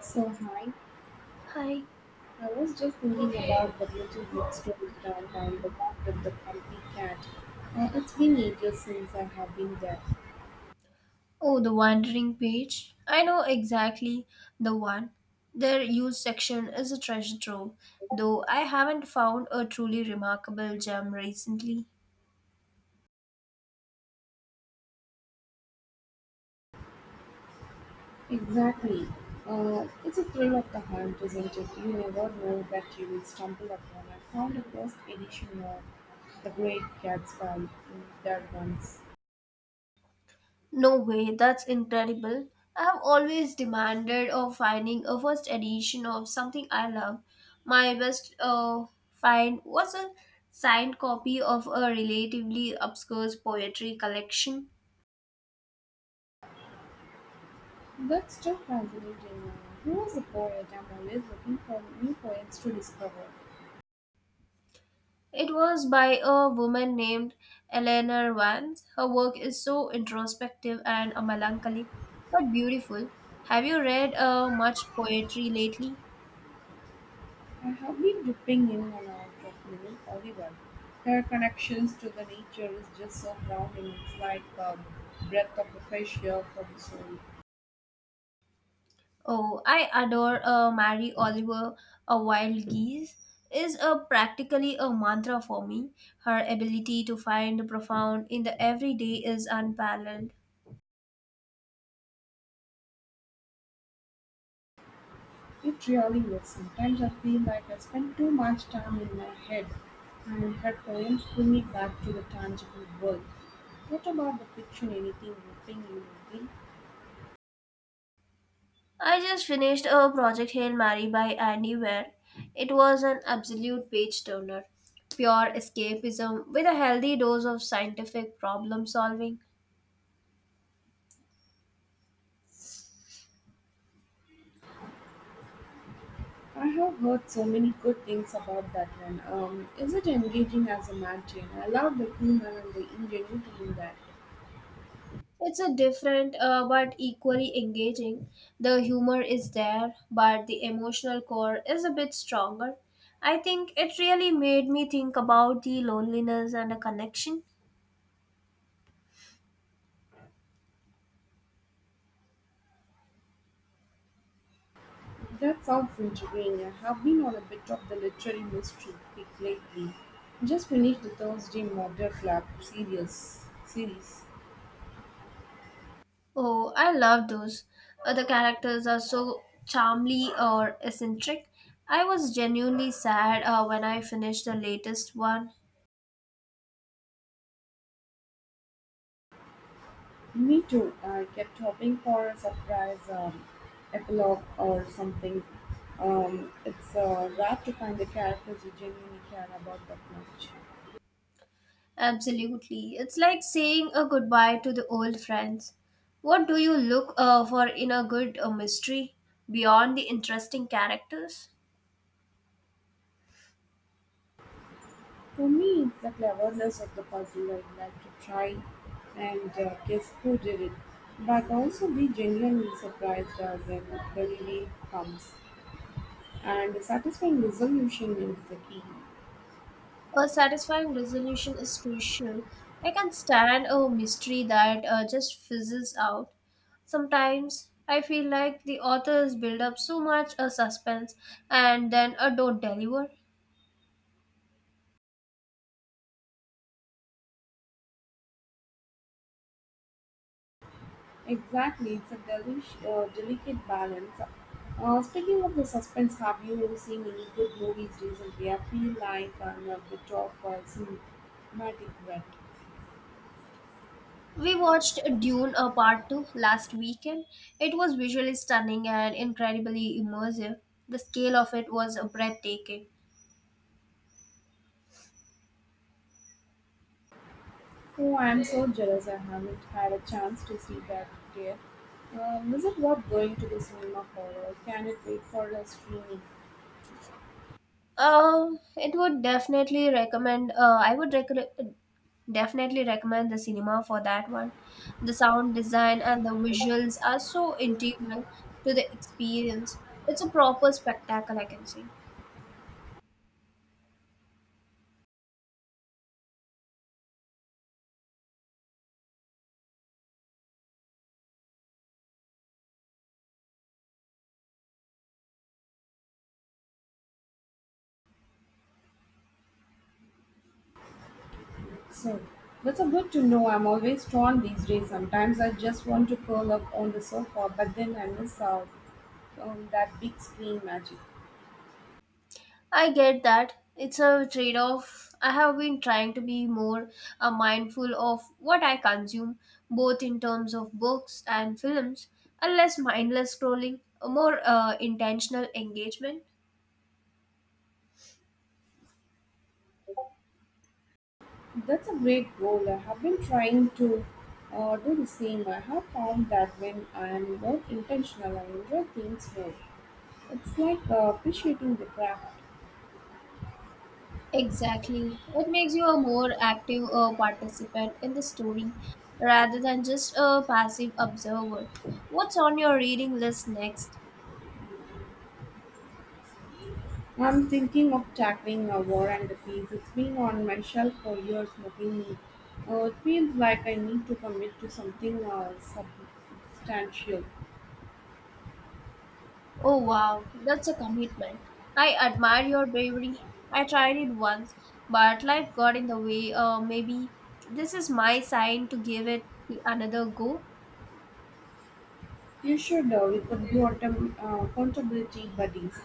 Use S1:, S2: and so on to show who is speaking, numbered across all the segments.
S1: So hi,
S2: Hi.
S1: I was just thinking about the YouTube bookstore downtown, the one with the comfy cat. It's been ages since I have been there.
S2: Oh, the wandering page. I know exactly the one. Their used section is a treasure trove, though I haven't found a truly remarkable gem recently.
S1: Exactly. It's a thrill of the hunt, isn't it? You never know that you will stumble upon. I found the first edition of The Great Gatsby there once.
S2: No way, that's incredible. I have always demanded of finding a first edition of something I love. My best find was a signed copy of a relatively obscure poetry collection.
S1: That's still fascinating. Who was the poet? I'm always looking for new poets to discover.
S2: It was by a woman named Eleanor Vance. Her work is so introspective and a melancholic, but beautiful. Have you read much poetry lately?
S1: I have been dipping in and out of Little Oliver. Her connections to the nature is just so grounding. It's like a breath of fresh air for the soul.
S2: Oh, I adore Mary Oliver. A wild geese is a practically a mantra for me. Her ability to find the profound in the everyday is unparalleled.
S1: It really is. Sometimes I feel like I spend too much time in my head, and her poems pull me back to the tangible world. What about the fiction? Anything gripping you lately?
S2: I just finished a Project Hail Mary by Andy Weir. It was an absolute page turner. Pure escapism with a healthy dose of scientific problem solving.
S1: I have heard so many good things about that one. Is it engaging as a mountain? I love the humor and the ingenuity in that.
S2: It's a different but equally engaging. The humor is there, but the emotional core is a bit stronger. I think it really made me think about the loneliness and a connection.
S1: That sounds intriguing. I have been on a bit of the literary mystery kick lately. Just finished the Thursday Murder Club series.
S2: Oh, I love those. The characters are so charmly or eccentric. I was genuinely sad when I finished the latest one.
S1: Me too. I kept hoping for a surprise epilogue or something. It's rare to find a character you genuinely care about that much.
S2: Absolutely. It's like saying a goodbye to the old friends. What do you look for in a good mystery beyond the interesting characters?
S1: For me, it's the cleverness of the puzzle. I'd like to try and guess who did it, but also be genuinely surprised when the reveal comes. And the satisfying resolution is the key.
S2: A satisfying resolution is crucial. I can stand a mystery that just fizzles out. Sometimes I feel like the authors build up so much a suspense and then a don't deliver.
S1: Exactly, it's a delicate balance. Speaking of the suspense, have you seen any good movies recently? I feel like I'm a bit of a cinematic wreck.
S2: We watched Dune a part 2 last weekend. It was visually stunning and incredibly immersive. The scale of it was breathtaking.
S1: Oh, I'm so jealous I haven't had a chance to see that yet. Is it worth going to the cinema for, or can it wait for a streaming
S2: It would definitely recommend. Definitely recommend the cinema for that one. The sound design and the visuals are so integral to the experience. It's a proper spectacle, I can say.
S1: soon? That's a good to know. I'm always torn these days. Sometimes I just want to curl up on the sofa, but then I miss out on that big screen magic.
S2: I get that. It's a trade off. I have been trying to be more mindful of what I consume, both in terms of books and films, and less mindless scrolling, a more intentional engagement.
S1: That's a great goal. I have been trying to do the same. I have found that when I am more intentional, I enjoy things more. It's like appreciating the craft.
S2: Exactly. It makes you a more active participant in the story rather than just a passive observer. What's on your reading list next?
S1: I'm thinking of tackling a War and the Peace. It's been on my shelf for years, nothing new. It feels like I need to commit to something substantial.
S2: Oh wow, that's a commitment. I admire your bravery. I tried it once, but life got in the way. Maybe this is my sign to give it the another go.
S1: You should. We could be autumn, accountability buddies,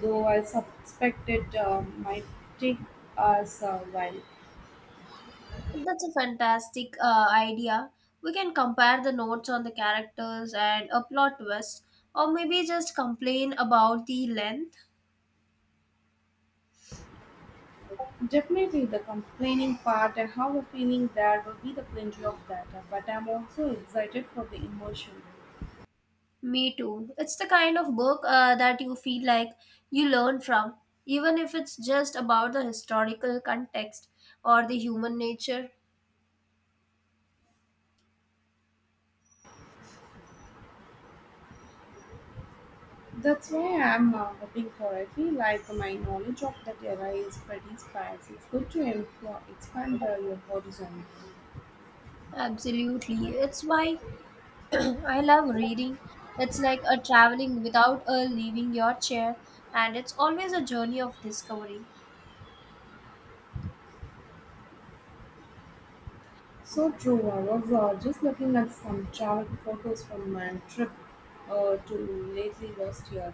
S1: though I suspect it might take us a while.
S2: That's a fantastic idea. We can compare the notes on the characters and a plot twist, or maybe just complain about the length.
S1: Definitely the complaining part. I have a feeling there will be the plenty of that, but I'm also excited for the emotion.
S2: Me too. It's the kind of book that you feel like you learn from, even if it's just about the historical context or the human nature.
S1: That's why I'm hoping for. I feel like my knowledge of that era is pretty sparse. It's good to employ, expand your horizon.
S2: Absolutely. It's why I love reading. It's like a traveling without a leaving your chair, and it's always a journey of discovery.
S1: So true, I Aurora. Just looking at some travel photos from my trip to lately last year.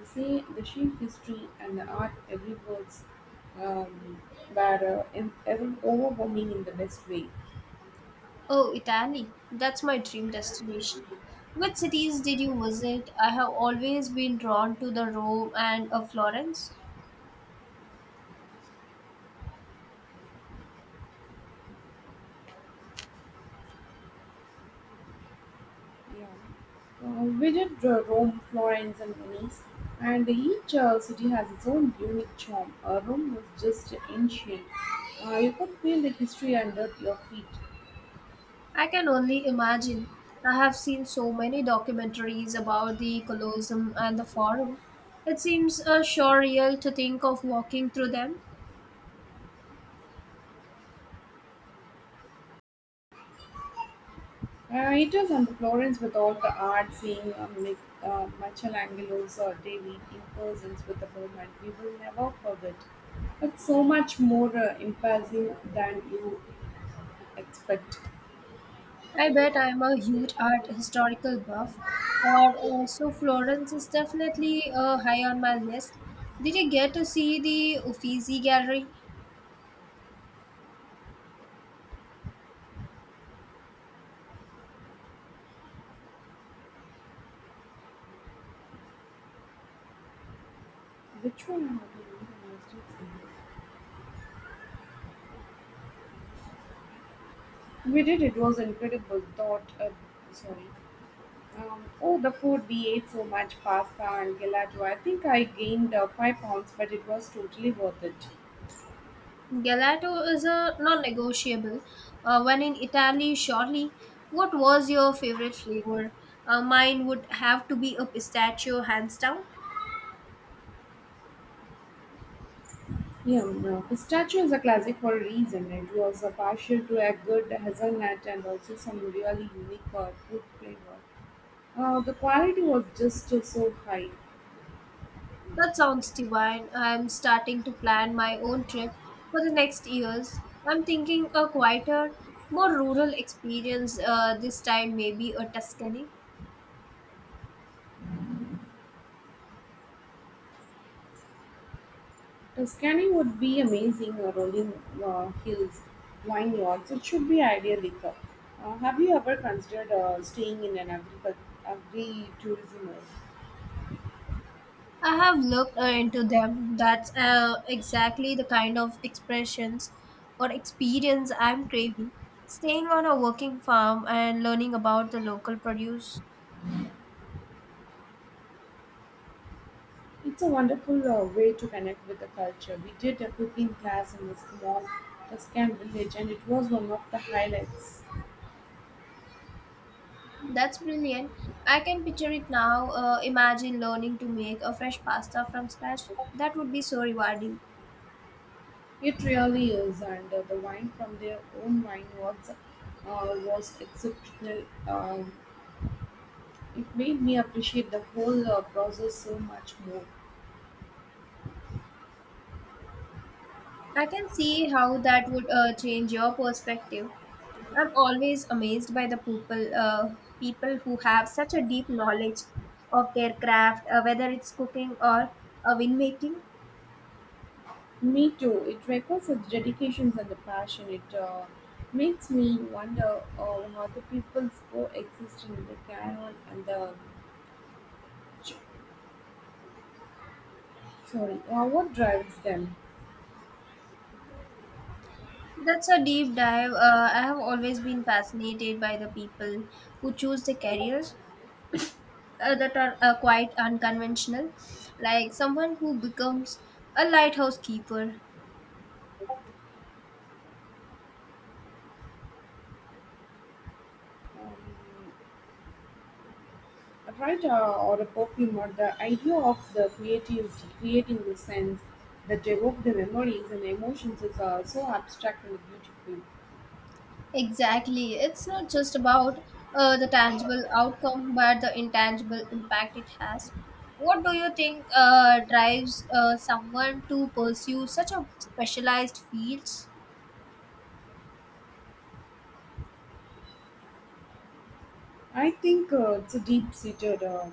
S1: The, sea, the sheer history and the art everywhere um, were overwhelming in the best way.
S2: Oh, Italy. That's my dream destination. Which cities did you visit? I have always been drawn to the Rome and Florence.
S1: Yeah. Visit Rome, Florence, and Venice, and each city has its own unique charm. Rome was just ancient. You could feel the history under your feet.
S2: I can only imagine. I have seen so many documentaries about the Colosseum and the Forum. It seems surreal to think of walking through them.
S1: It is on Florence with all the art, seeing Michelangelo's David in person with the moment we will never forget. It's so much more impressive than you expect.
S2: I bet I'm a huge art historical buff, or so Florence is definitely high on my list. Did you get to see the Uffizi Gallery?
S1: Which one? Am I doing? I We did. It was incredible. Sorry. Oh, the food, we ate so much pasta and gelato. I think I gained 5 pounds, but it was totally worth it.
S2: Galato is a non-negotiable. When in Italy, surely. What was your favorite flavor? Mine would have to be a pistachio, hands down.
S1: Yeah, no. Pistachio is a classic for a reason. It was a partial to a good hazelnut and also some really unique fruit flavor. The quality was just so high.
S2: That sounds divine. I'm starting to plan my own trip for the next years. I'm thinking a quieter, more rural experience this time, maybe a Tuscany.
S1: Scanning would be amazing. Rolling hills, vineyards. It should be ideal liquor. Have you ever considered staying in an agri-tourism area?
S2: I have looked into them. That's exactly the kind of expressions or experience I'm craving. Staying on a working farm and learning about the local produce.
S1: It's a wonderful way to connect with the culture. We did a cooking class in a small Tuscan village, and it was one of the highlights.
S2: That's brilliant. I can picture it now. Imagine learning to make a fresh pasta from scratch. That would be so rewarding.
S1: It really is, and the wine from their own vineyards was exceptional. It made me appreciate the whole process so much more.
S2: I can see how that would change your perspective. I'm always amazed by the people who have such a deep knowledge of their craft, whether it's cooking or winemaking.
S1: Me too. It requires a dedication and a passion. It makes me wonder how the people coexist in the caravan and the sorry, what drives them,
S2: That's a deep dive. I have always been fascinated by the people who choose the careers that are quite unconventional, like someone who becomes a lighthouse keeper.
S1: um, a writer or a perfume or the idea of the creative creating the sense that evoke the memories and emotions is so abstract and beautiful.
S2: Exactly. It's not just about the tangible outcome, but the intangible impact it has. What do you think drives someone to pursue such a specialized fields?
S1: I think it's a deep seated. Um,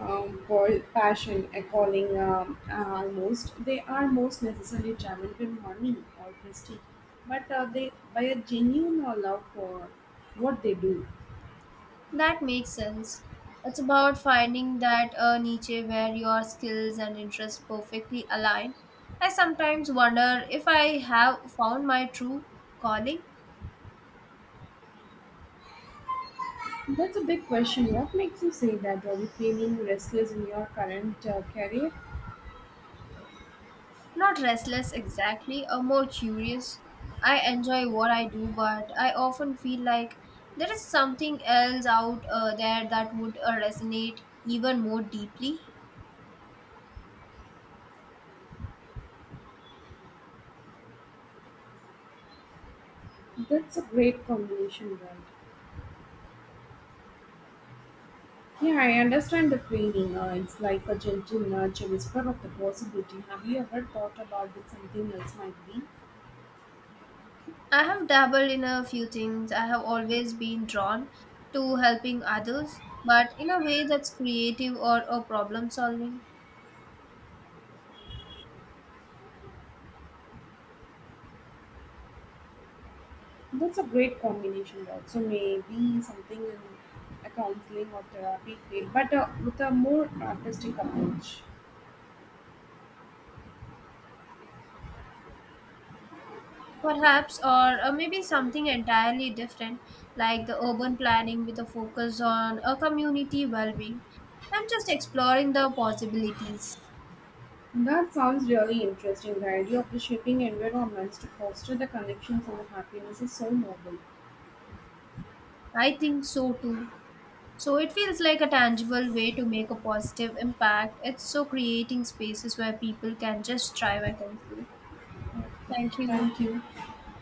S1: um, pol- Passion, a calling almost. They are most necessarily driven by money or prestige, but they by a genuine love for what they do.
S2: That makes sense. It's about finding that niche where your skills and interests perfectly align. I sometimes wonder if I have found my true calling.
S1: That's a big question. What makes you say that? Are you feeling restless in your current career?
S2: Not restless exactly, or more curious. I enjoy what I do, but I often feel like there is something else out there that would resonate even more deeply.
S1: That's a great combination, right? Yeah, I understand the feeling. It's like a gentle nudge, a whisper of the possibility. Have you ever thought about that something else might be?
S2: I have dabbled in a few things. I have always been drawn to helping others, but in a way that's creative or problem solving.
S1: That's a great combination, right? So maybe something in a counseling or therapy field, but with a more artistic approach.
S2: Perhaps, or maybe something entirely different, like the urban planning with a focus on a community well being. I'm just exploring the possibilities.
S1: That sounds really interesting. The idea of reshaping environments to foster the connections and the happiness is so noble.
S2: I think so too. So it feels like a tangible way to make a positive impact. It's so creating spaces where people can just thrive, I can say.
S1: Okay.
S2: Thank you.
S1: Thank you.